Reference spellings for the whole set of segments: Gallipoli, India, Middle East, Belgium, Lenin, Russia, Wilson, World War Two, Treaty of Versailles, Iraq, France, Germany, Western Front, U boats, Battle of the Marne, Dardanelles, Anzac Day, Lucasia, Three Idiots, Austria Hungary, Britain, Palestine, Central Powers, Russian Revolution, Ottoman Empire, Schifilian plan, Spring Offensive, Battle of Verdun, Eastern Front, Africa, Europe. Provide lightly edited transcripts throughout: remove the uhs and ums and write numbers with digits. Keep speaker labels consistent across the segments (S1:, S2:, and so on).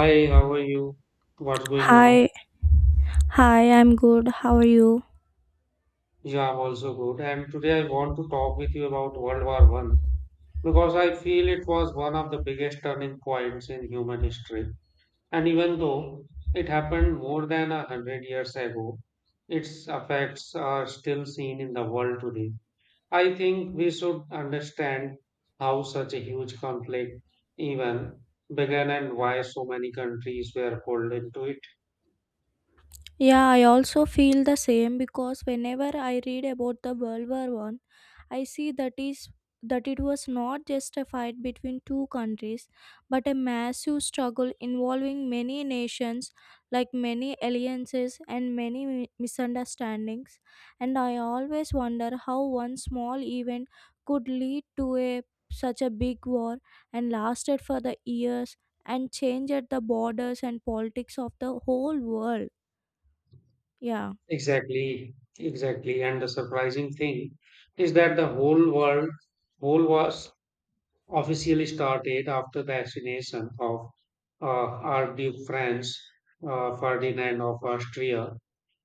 S1: Hi, how are you? What's going now?
S2: Hi, hi, I'm good. How are you?
S1: Yeah, I'm also good. And today I want to talk with you about World War I because I feel it was one of the biggest turning points in human history. And even though it happened more than 100 years ago, its effects are still seen in the world today. I think we should understand how such a huge conflict even began and why so many countries were pulled into it.
S2: Yeah, I also feel the same because whenever I read about the World War One, I see that is that it was not just a fight between two countries, but a massive struggle involving many nations, like many alliances and many misunderstandings. And I always wonder how one small event could lead to a such a big war and lasted for the years and changed the borders and politics of the whole world. Yeah.
S1: Exactly, exactly. And the surprising thing is that the whole world whole was officially started after the assassination of uh, Archduke Franz Ferdinand of Austria.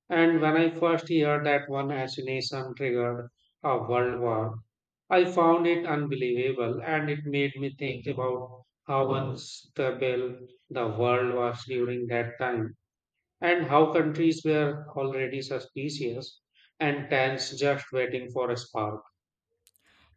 S1: And when I first heard that one assassination triggered a world war, I found it unbelievable, and it made me think about how unstable the world was during that time and how countries were already suspicious and tense, just waiting for a spark.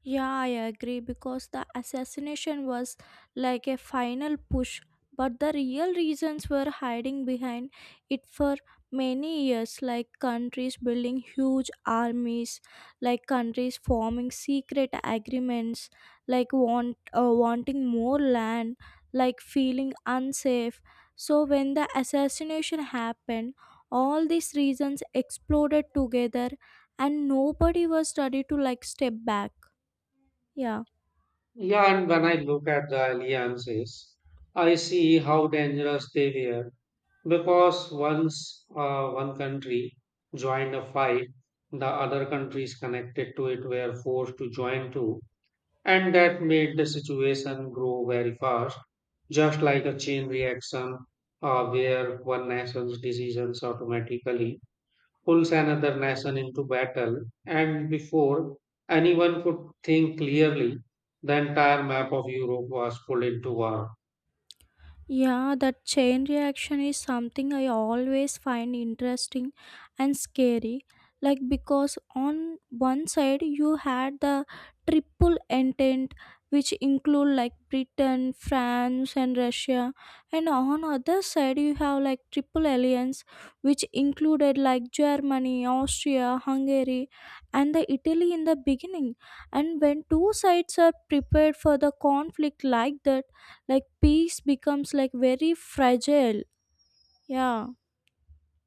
S2: Yeah, I agree because the assassination was like a final push, but the real reasons were hiding behind it for many years, like countries building huge armies, like countries forming secret agreements, like wanting more land, like feeling unsafe. So when the assassination happened, all these reasons exploded together and nobody was ready to like step back. Yeah,
S1: Yeah, and when I look at the alliances, I see how dangerous they were, because once one country joined a fight, the other countries connected to it were forced to join too, and that made the situation grow very fast, just like a chain reaction, where one nation's decisions automatically pulls another nation into battle, and before anyone could think clearly, the entire map of Europe was pulled into war.
S2: yeah, that chain reaction is something I always find interesting and scary. Like, because on one side you had the triple entente, which include like Britain, France, and Russia, and on other side you have like triple alliance, which included like Germany, Austria, Hungary, and the Italy in the beginning. And when two sides are prepared for the conflict like that, like peace becomes like very fragile. Yeah.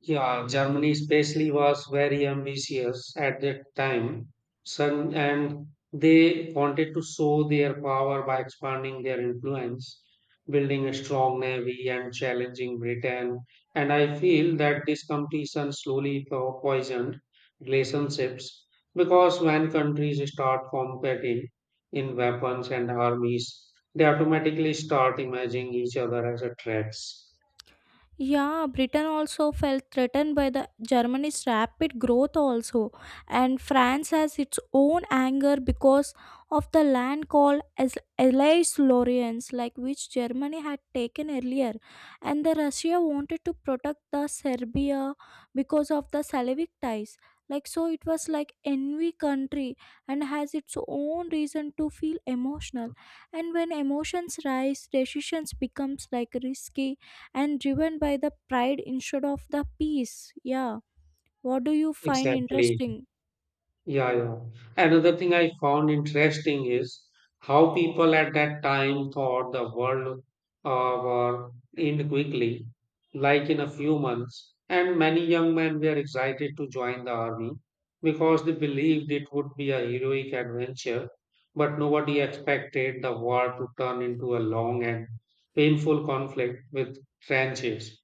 S1: Yeah, Germany especially was very ambitious at that time, son, and they wanted to show their power by expanding their influence, building a strong navy, and challenging Britain. And I feel that this competition slowly poisoned relationships, because when countries start competing in weapons and armies, they automatically start imagining each other as a threats.
S2: Yeah, Britain also felt threatened by the Germany's rapid growth also, and France has its own anger because of the land called as Allies Lorraines like which Germany had taken earlier, and the Russia wanted to protect the Serbia because of the Slavic ties, like so it was like envy country and has its own reason to feel emotional, and when emotions rise decisions becomes like risky and driven by the pride instead of the peace. Yeah. What do you find
S1: Exactly.
S2: interesting?
S1: Yeah, yeah. Another thing I found interesting is how people at that time thought the world war end quickly, like in a few months. And many young men were excited to join the army because they believed it would be a heroic adventure. But nobody expected the war to turn into a long and painful conflict with trenches,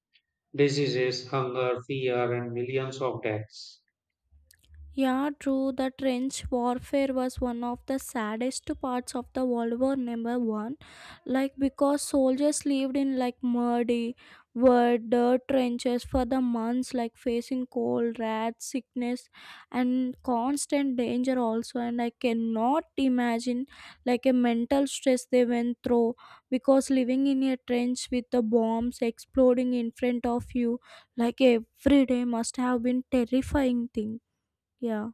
S1: diseases, hunger, fear, and millions of deaths.
S2: Yeah, true. The trench warfare was one of the saddest parts of the World War Number One, like because soldiers lived in like muddy, wet, dirt trenches for the months, like facing cold, rats, sickness, and constant danger also. And I cannot imagine like a mental stress they went through because living in a trench with the bombs exploding in front of you, like every day, must have been terrifying thing. Yeah.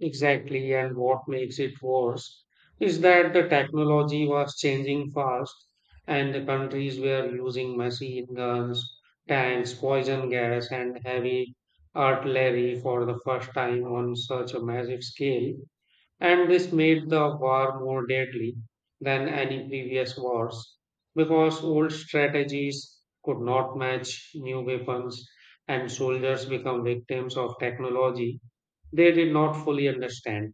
S1: Exactly, and what makes it worse is that the technology was changing fast, and the countries were using machine guns, tanks, poison gas, and heavy artillery for the first time on such a massive scale. And this made the war more deadly than any previous wars, because old strategies could not match new weapons, and soldiers become victims of technology they did not fully understand.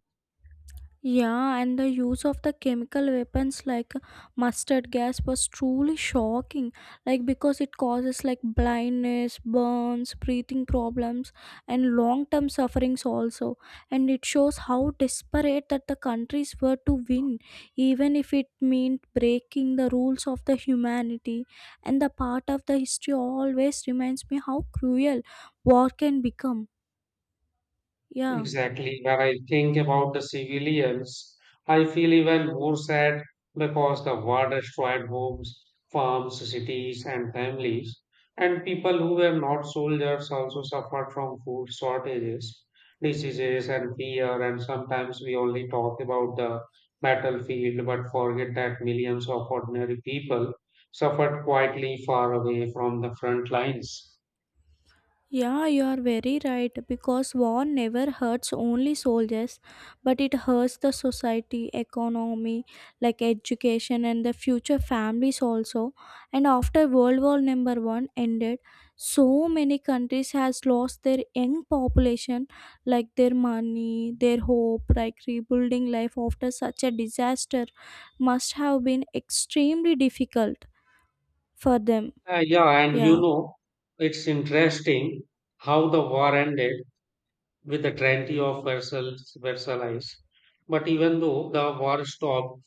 S2: Yeah, and the use of the chemical weapons like mustard gas was truly shocking. Like because it causes like blindness, burns, breathing problems, and long-term sufferings also. And it shows how desperate that the countries were to win, even if it meant breaking the rules of the humanity. And the part of the history always reminds me how cruel war can become. Yeah.
S1: Exactly. When I think about the civilians, I feel even more sad, because the war destroyed homes, farms, cities, and families. And people who were not soldiers also suffered from food shortages, diseases, and fear. And sometimes we only talk about the battlefield but forget that millions of ordinary people suffered quietly far away from the front lines.
S2: Yeah, you are very right because war never hurts only soldiers, but it hurts the society, economy, like education and the future families also. And after World War number 1 ended, so many countries has lost their young population, like their money, their hope, like rebuilding life after such a disaster must have been extremely difficult for them.
S1: Yeah, and
S2: Yeah.
S1: it's interesting how the war ended with the Treaty of Versailles, Versailles. But even though the war stopped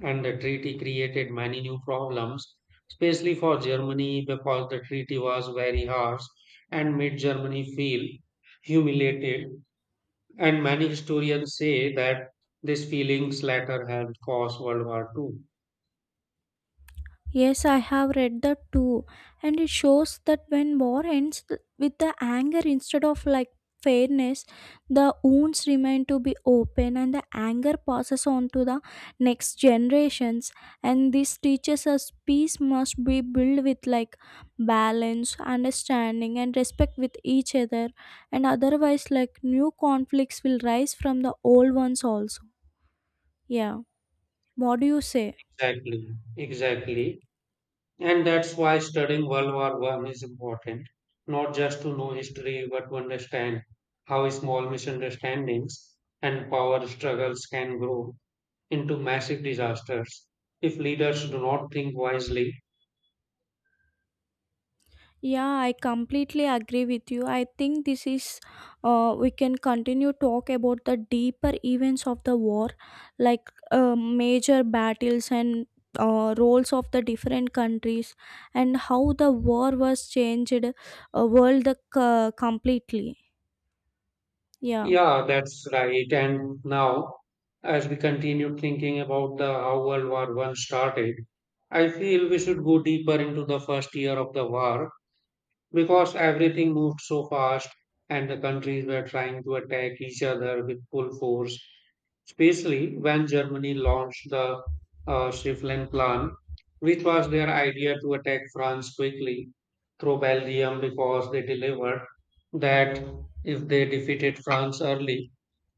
S1: and the treaty created many new problems, especially for Germany, because the treaty was very harsh and made Germany feel humiliated. And many historians say that these feelings later helped cause World War II.
S2: Yes, I have read that too, and it shows that when war ends with the anger instead of like fairness, the wounds remain to be open and the anger passes on to the next generations. And this teaches us peace must be built with like balance, understanding, and respect with each other, and otherwise, like new conflicts will rise from the old ones also. Yeah, what do you say?
S1: Exactly, exactly. And that's why studying World War I is important, not just to know history, but to understand how small misunderstandings and power struggles can grow into massive disasters if leaders do not think wisely.
S2: Yeah, I completely agree with you. I think this is, we can continue talk about the deeper events of the war, like major battles and roles of the different countries, and how the war was changed, world completely. Yeah.
S1: Yeah, that's right. And now, as we continue thinking about the how World War I started, I feel we should go deeper into the first year of the war, because everything moved so fast and the countries were trying to attack each other with full force, especially when Germany launched the Schifflin Plan, which was their idea to attack France quickly through Belgium, because they delivered that if they defeated France early,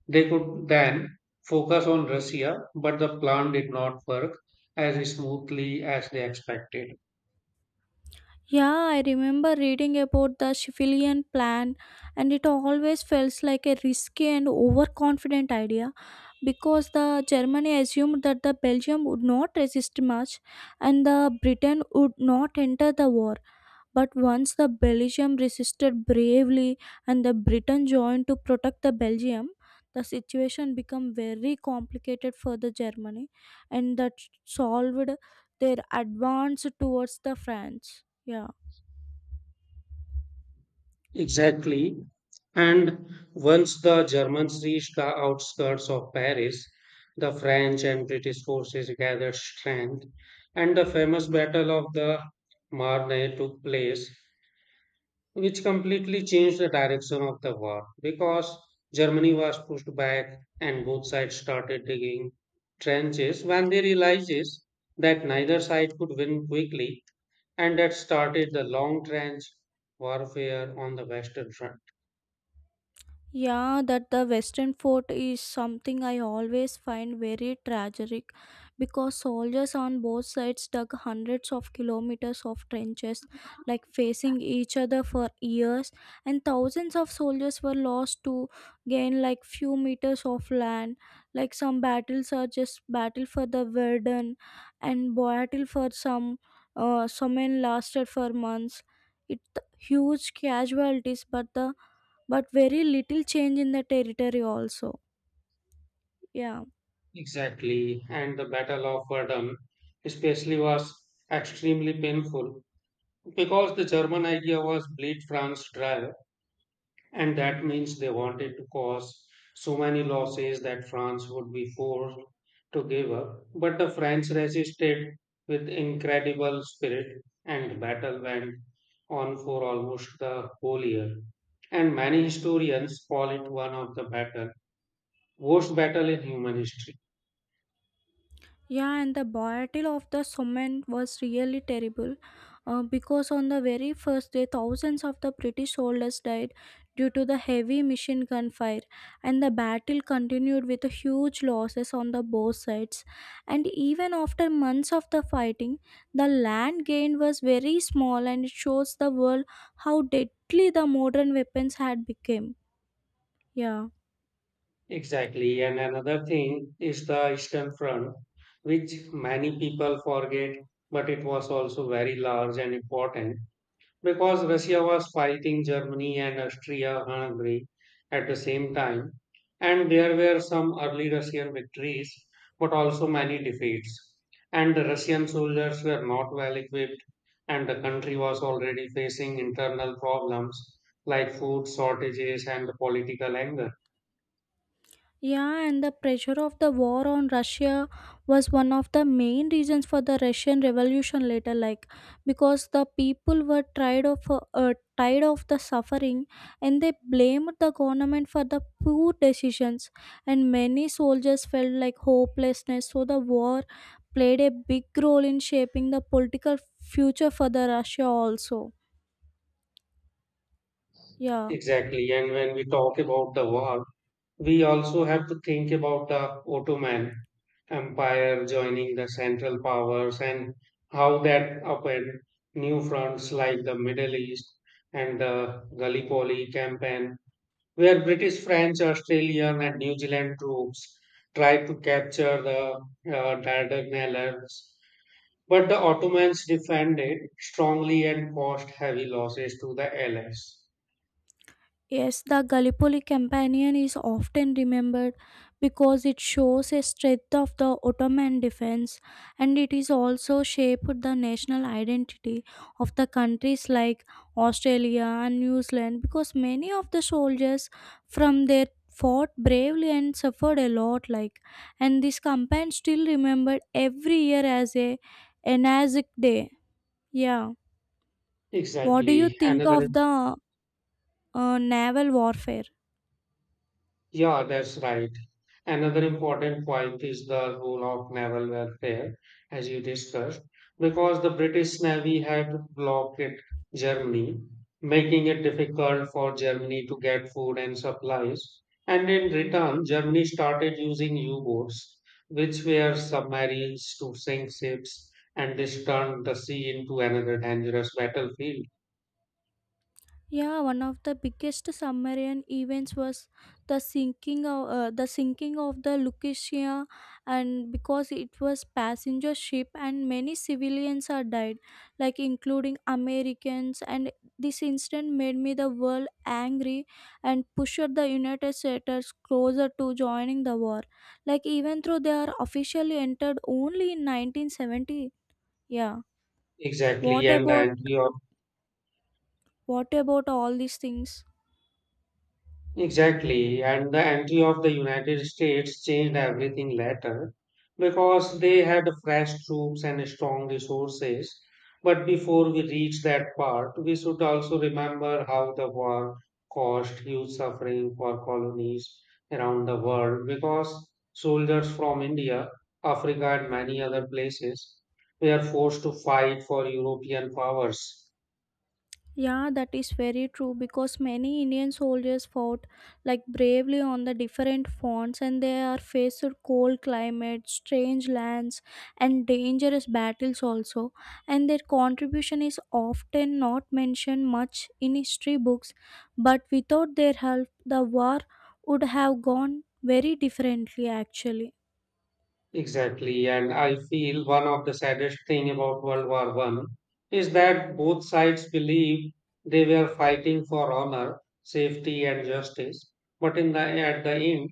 S1: they could then focus on Russia, but the plan did not work as smoothly as they expected.
S2: Yeah, I remember reading about the Schifilian plan, and it always felt like a risky and overconfident idea because the Germany assumed that the Belgium would not resist much and the Britain would not enter the war. But once the Belgium resisted bravely and the Britain joined to protect the Belgium, the situation became very complicated for the Germany, and that solved their advance towards the France. Yeah.
S1: Exactly. And once the Germans reached the outskirts of Paris, the French and British forces gathered strength, and the famous Battle of the Marne took place, which completely changed the direction of the war, because Germany was pushed back and both sides started digging trenches when they realizes that neither side could win quickly, and that started the long trench warfare on the western front.
S2: Yeah, that the Western Fort is something I always find very tragic because soldiers on both sides dug hundreds of kilometers of trenches, like facing each other for years, and thousands of soldiers were lost to gain like few meters of land. Like some battles are just battle for the Verdun, and battle for some men lasted for months. It huge casualties, but the but very little change in the territory also. Yeah.
S1: Exactly, and the Battle of Verdun especially was extremely painful, because the German idea was bleed France dry, and that means they wanted to cause so many losses that France would be forced to give up. But the French resisted with incredible spirit, and battle went on for almost the whole year. And many historians call it one of the worst battle in human history.
S2: Yeah, and the battle of the Somme was really terrible because on the very first day, thousands of the British soldiers died due to the heavy machine gun fire, and the battle continued with huge losses on the both sides. And even after months of the fighting, the land gained was very small, and it shows the world how deadly the modern weapons had become. Yeah.
S1: Exactly. And another thing is the Eastern Front, which many people forget, but it was also very large and important, because Russia was fighting Germany and Austria Hungary at the same time. And there were some early Russian victories, but also many defeats. And the Russian soldiers were not well equipped, and the country was already facing internal problems like food shortages and political anger.
S2: Yeah, and the pressure of the war on Russia was one of the main reasons for the Russian Revolution later, like because the people were tired of the suffering, and they blamed the government for the poor decisions, and many soldiers felt like hopelessness. So the war played a big role in shaping the political future for the Russia also. Yeah.
S1: Exactly. And when we talk about the war, we also have to think about the Ottoman Empire joining the Central Powers and how that opened new fronts like the Middle East and the Gallipoli campaign, where British, French, Australian, and New Zealand troops tried to capture the Dardanelles. But the Ottomans defended strongly and caused heavy losses to the Allies.
S2: Yes, the Gallipoli campaign is often remembered because it shows a strength of the Ottoman defense and it is also shaped the national identity of the countries like Australia and New Zealand because many of the soldiers from there fought bravely and suffered a lot, like and this campaign still remembered every year as a Anzac Day. Yeah. What do you
S1: Exactly.
S2: think
S1: Another
S2: of the naval warfare?
S1: Yeah, that's right. Another important point is the role of naval warfare, as you discussed, because the British Navy had blocked Germany, making it difficult for Germany to get food and supplies. And in return, Germany started using U boats, which were submarines to sink ships, and this turned the sea into another dangerous battlefield.
S2: Yeah, one of the biggest submarine events was the sinking of the Lucasia, and because it was passenger ship, and many civilians are died, like including Americans. And this incident made me the world angry, and pushed the United States closer to joining the war. Like even though they are officially entered only in 1970. Yeah.
S1: Exactly,
S2: What
S1: and the
S2: about
S1: anti
S2: what about all these things?
S1: Exactly, and the entry of the United States changed everything later, because they had fresh troops and strong resources. But before we reach that part, we should also remember how the war caused huge suffering for colonies around the world, because soldiers from India, Africa, and many other places were forced to fight for European powers.
S2: Yeah, that is very true because many Indian soldiers fought like bravely on the different fronts and they are faced with cold climate, strange lands and dangerous battles also and their contribution is often not mentioned much in history books but without their help the war would have gone very differently actually.
S1: Exactly, and I feel one of the saddest thing about World War I is that both sides believe they were fighting for honor, safety, and justice. But in the at the end,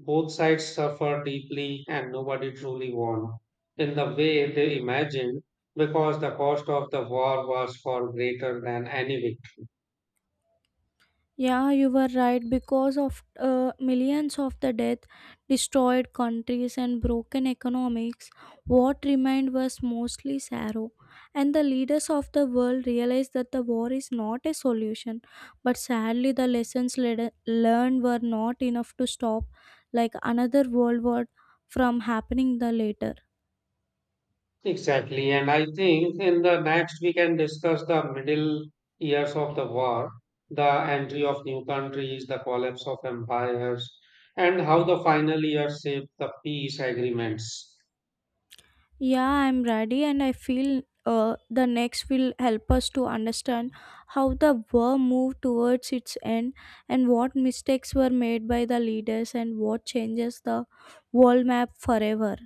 S1: both sides suffered deeply, and nobody truly won in the way they imagined, because the cost of the war was far greater than any victory.
S2: Yeah, you were right. Because of millions of the death, destroyed countries, and broken economics, what remained was mostly sorrow. And the leaders of the world realized that the war is not a solution. But sadly, the lessons learned were not enough to stop, like another world war, from happening the later.
S1: Exactly. And I think in the next we can discuss the middle years of the war, the entry of new countries, the collapse of empires, and how the final years shaped the peace agreements.
S2: Yeah, I'm ready, and I feel the next will help us to understand how the war moved towards its end and what mistakes were made by the leaders and what changes the world map forever.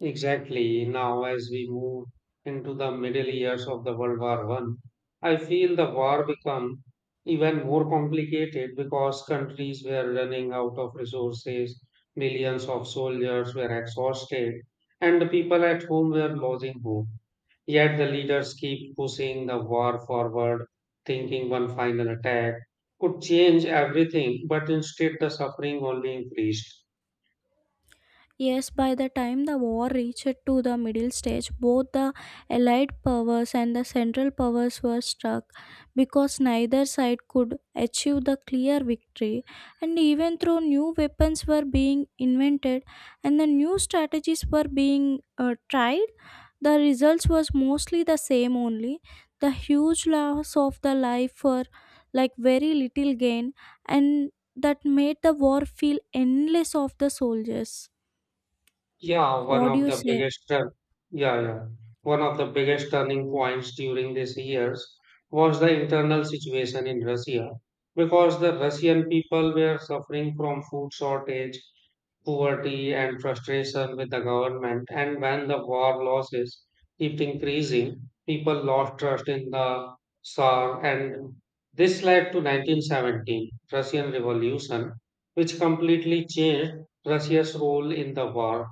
S1: Exactly. Now, as we move into the middle years of the World War I, I feel the war become even more complicated, because countries were running out of resources, millions of soldiers were exhausted, and the people at home were losing hope. Yet the leaders keep pushing the war forward, thinking one final attack could change everything, but instead the suffering only increased.
S2: Yes, by the time the war reached to the middle stage, both the Allied powers and the Central powers were struck because neither side could achieve the clear victory. And even though new weapons were being invented and the new strategies were being tried, the results was mostly the same only. The huge loss of the life for like very little gain, and that made the war feel endless of the soldiers.
S1: Yeah, one
S2: What do
S1: of
S2: you
S1: the
S2: say?
S1: biggest, turn- yeah, yeah, one of the biggest turning points during these years was the internal situation in Russia, because the Russian people were suffering from food shortage, poverty, and frustration with the government. And when the war losses kept increasing, people lost trust in the Tsar, and this led to 1917 Russian Revolution, which completely changed Russia's role in the war.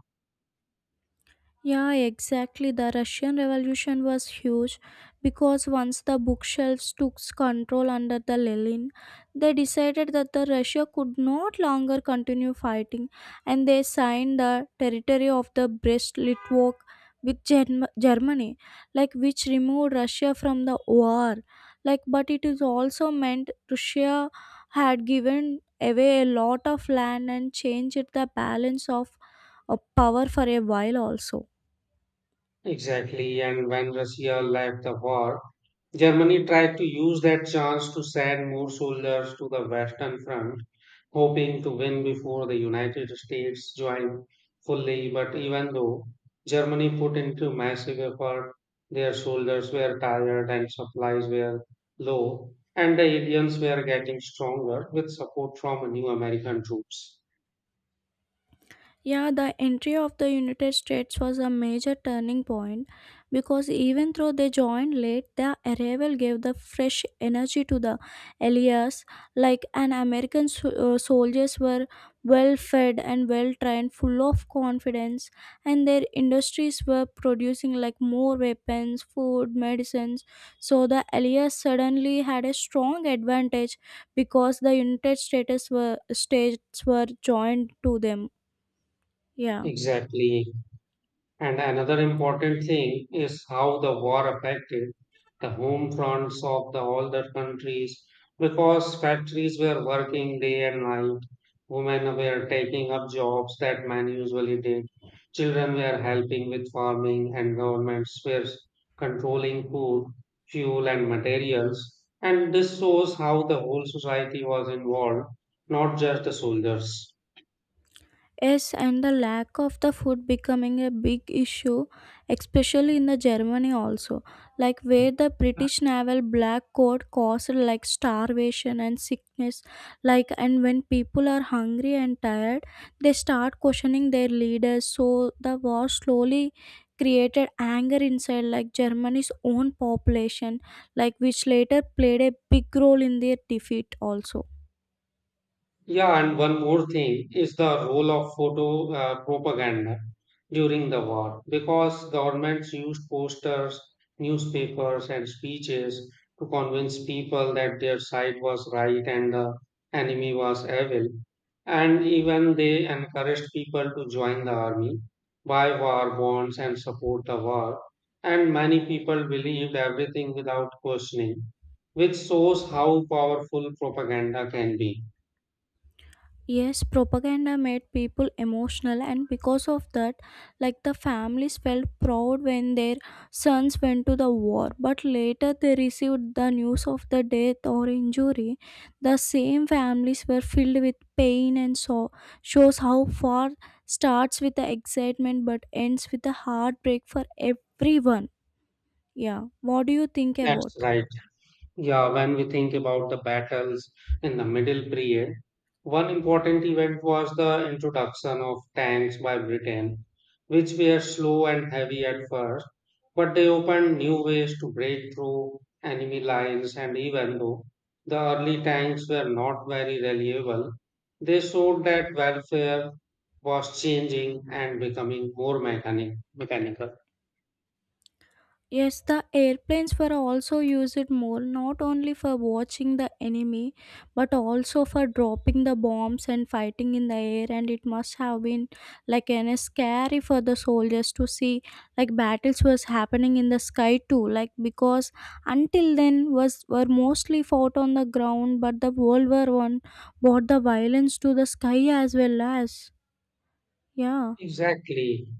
S2: Yeah, exactly. The Russian Revolution was huge because once the bookshelves took control under the Lenin, they decided that the Russia could not longer continue fighting, and they signed the territory of the Brest-Litovsk with Germany, like which removed Russia from the war. Like, but it is also meant Russia had given away a lot of land and changed the balance of a power for a while also.
S1: Exactly, and when Russia left the war, Germany tried to use that chance to send more soldiers to the Western Front, hoping to win before the United States joined fully. But even though Germany put into massive effort, their soldiers were tired and supplies were low, and the aliens were getting stronger with support from new American troops.
S2: Yeah, the entry of the United States was a major turning point because even though they joined late, their arrival gave the fresh energy to the allies. Like an soldiers were well fed and well trained, full of confidence, and their industries were producing like more weapons, food, medicines. So the allies suddenly had a strong advantage because the United States were joined to them. Yeah.
S1: Exactly. And another important thing is how the war affected the home fronts of the older countries, because factories were working day and night, women were taking up jobs that men usually did, children were helping with farming, and governments were controlling food, fuel, and materials. And this shows how the whole society was involved, not just the soldiers.
S2: Yes, and the lack of the food becoming a big issue, especially in the Germany also, like where the British naval black coat caused like starvation and sickness, like and when people are hungry and tired, they start questioning their leaders. So the war slowly created anger inside like Germany's own population, like which later played a big role in their defeat also.
S1: Yeah, and one more thing is the role of photo propaganda during the war, because governments used posters, newspapers, and speeches to convince people that their side was right and the enemy was evil. And even they encouraged people to join the army, buy war bonds, and support the war. And many people believed everything without questioning, which shows how powerful propaganda can be.
S2: Yes, propaganda made people emotional, and because of that, like the families felt proud when their sons went to the war. But later, they received the news of the death or injury. The same families were filled with pain and so shows how far starts with the excitement but ends with the heartbreak for everyone. Yeah, what do you think about?
S1: That's right. Yeah, when we think about the battles in the Middle Period, one important event was the introduction of tanks by Britain, which were slow and heavy at first, but they opened new ways to break through enemy lines. And even though the early tanks were not very reliable, they showed that warfare was changing and becoming more mechanical.
S2: Yes, the airplanes were also used more, not only for watching the enemy, but also for dropping the bombs and fighting in the air. And it must have been like an scary for the soldiers to see like battles was happening in the sky too. Like because until then was were mostly fought on the ground, but the World War One brought the violence to the sky as well as yeah.
S1: Exactly.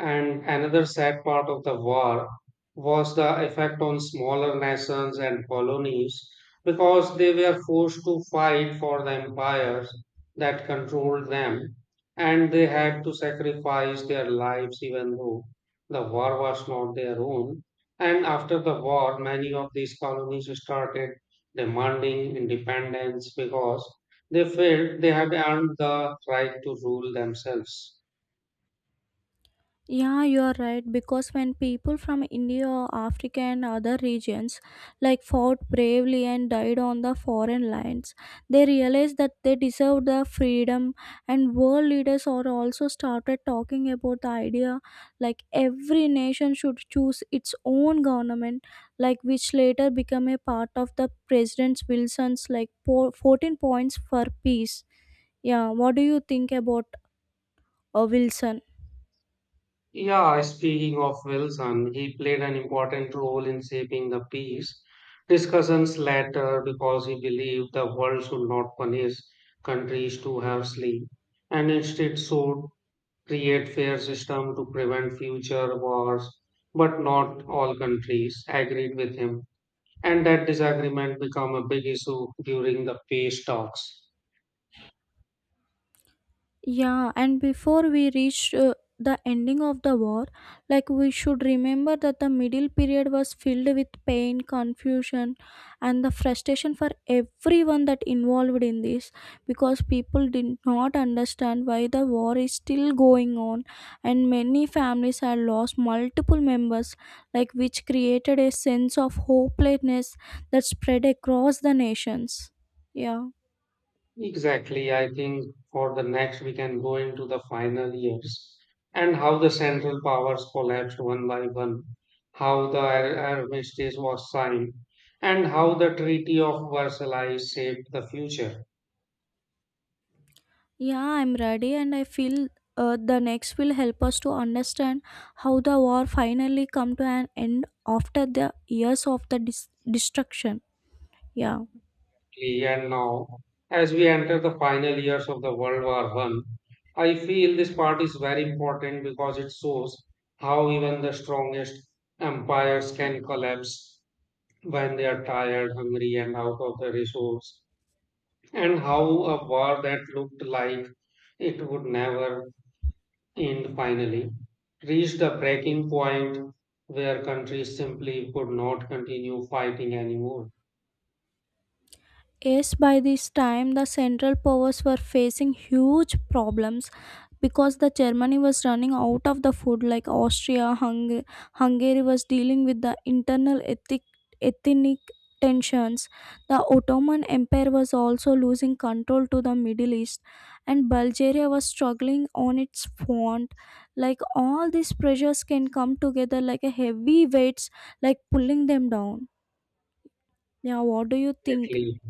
S1: And another sad part of the war was the effect on smaller nations and colonies, because they were forced to fight for the empires that controlled them, and they had to sacrifice their lives even though the war was not their own. And after the war, many of these colonies started demanding independence, because they felt they had earned the right to rule themselves.
S2: Yeah, you are right. Because when people from India, or Africa, and other regions like fought bravely and died on the foreign lines, they realized that they deserved the freedom. And world leaders are also started talking about the idea like every nation should choose its own government, like which later became a part of the President Wilson's 14 points for peace. Yeah, what do you think about Wilson?
S1: Yeah, speaking of Wilson, he played an important role in shaping the peace discussions later, because he believed the world should not punish countries too harshly and instead should create fair system to prevent future wars. But not all countries agreed with him, and that disagreement became a big issue during the peace talks.
S2: Yeah, and before we reach the ending of the war, like we should remember that the middle period was filled with pain, confusion, and the frustration for everyone that involved in this because people did not understand why the war is still going on, and many families had lost multiple members, like which created a sense of hopelessness that spread across the nations. Yeah.
S1: Exactly. I think for the next we can go into the final years and how the Central Powers collapsed one by one, how the armistice was signed, and how the Treaty of Versailles shaped the future.
S2: Yeah, I'm ready, and I feel the next will help us to understand how the war finally come to an end after the years of the destruction. Yeah.
S1: And now, as we enter the final years of the World War I, I feel this part is very important, because it shows how even the strongest empires can collapse when they are tired, hungry, and out of the resource, and how a war that looked like it would never end finally reached a breaking point where countries simply could not continue fighting anymore.
S2: Yes, by this time, the Central Powers were facing huge problems because the Germany was running out of the food, like Austria, Hungary was dealing with the internal ethnic tensions. The Ottoman Empire was also losing control to the Middle East, and Bulgaria was struggling on its front. Like all these pressures can come together like a heavy weights, like pulling them down. Yeah, what do you think?
S1: Exactly.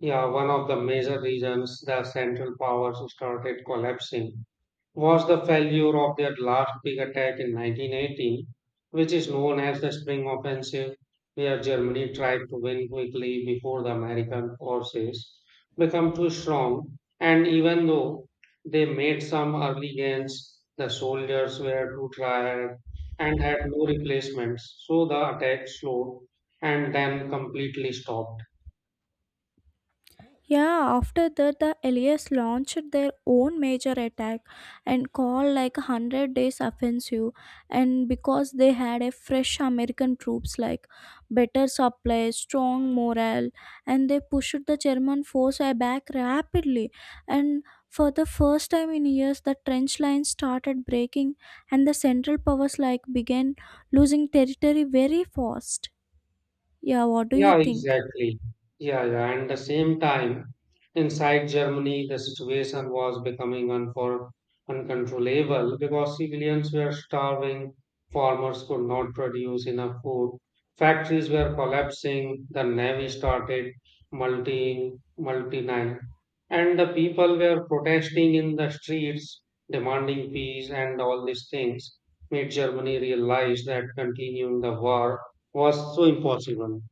S1: Yeah, one of the major reasons the central powers started collapsing was the failure of their last big attack in 1918, which is known as the Spring Offensive, where Germany tried to win quickly before the American forces became too strong. And even though they made some early gains, the soldiers were too tired and had no replacements, so the attack slowed and then completely stopped.
S2: Yeah, after that, the Allies launched their own major attack and called like 100 days offensive. And because they had a fresh American troops like better supply, strong morale, and they pushed the German force back rapidly. And for the first time in years, the trench lines started breaking and the central powers like began losing territory very fast. Yeah, what do you
S1: Yeah,
S2: think?
S1: exactly. Yeah, yeah. And the same time, inside Germany, the situation was becoming unfor uncontrollable, because civilians were starving, farmers could not produce enough food, factories were collapsing, the navy started multi multinational, and the people were protesting in the streets, demanding peace, and all these things made Germany realize that continuing the war was so impossible.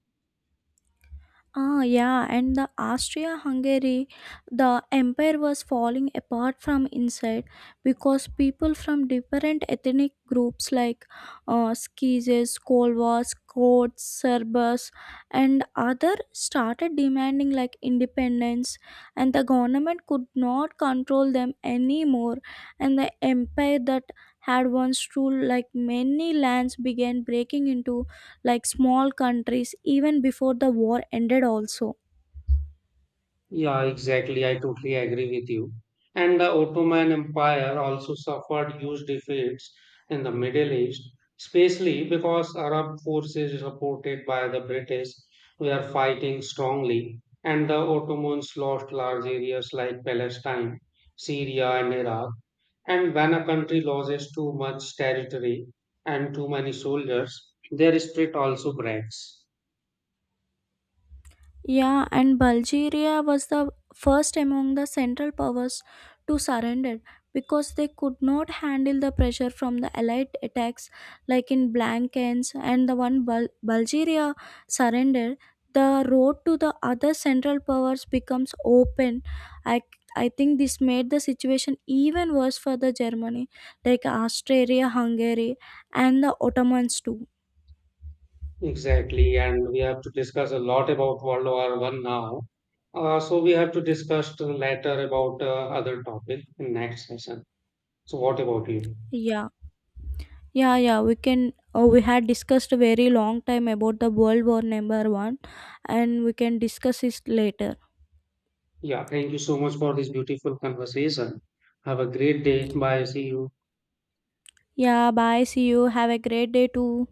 S2: Ah, yeah, and the Austria-Hungary, the empire was falling apart from inside because people from different ethnic groups like Scythes, Slovaks, Croats, Serbs, and other started demanding like independence, and the government could not control them anymore, and the empire that had once ruled like many lands began breaking into like small countries even before the war ended also.
S1: Yeah, exactly. I totally agree with you. And the Ottoman Empire also suffered huge defeats in the Middle East, especially because Arab forces supported by the British were fighting strongly, and the Ottomans lost large areas like Palestine, Syria, and Iraq. And when a country loses too much territory and too many soldiers, their spirit also breaks.
S2: Yeah, and Bulgaria was the first among the central powers to surrender because they could not handle the pressure from the allied attacks like in blankens. And the one bulgaria surrendered, the road to the other central powers becomes open. I i think this made the situation even worse for the Germany, like Austria Hungary and the Ottomans too.
S1: Exactly, and we have to discuss a lot about World War I now. So we have to discuss later about other topic in next session. So what about you?
S2: Yeah, yeah, yeah. We can. We had discussed a very long time about the World War Number One, and we can discuss it later.
S1: Yeah, thank you so much for this beautiful conversation. Have a great day. Bye. See you.
S2: Yeah, bye. See you. Have a great day too.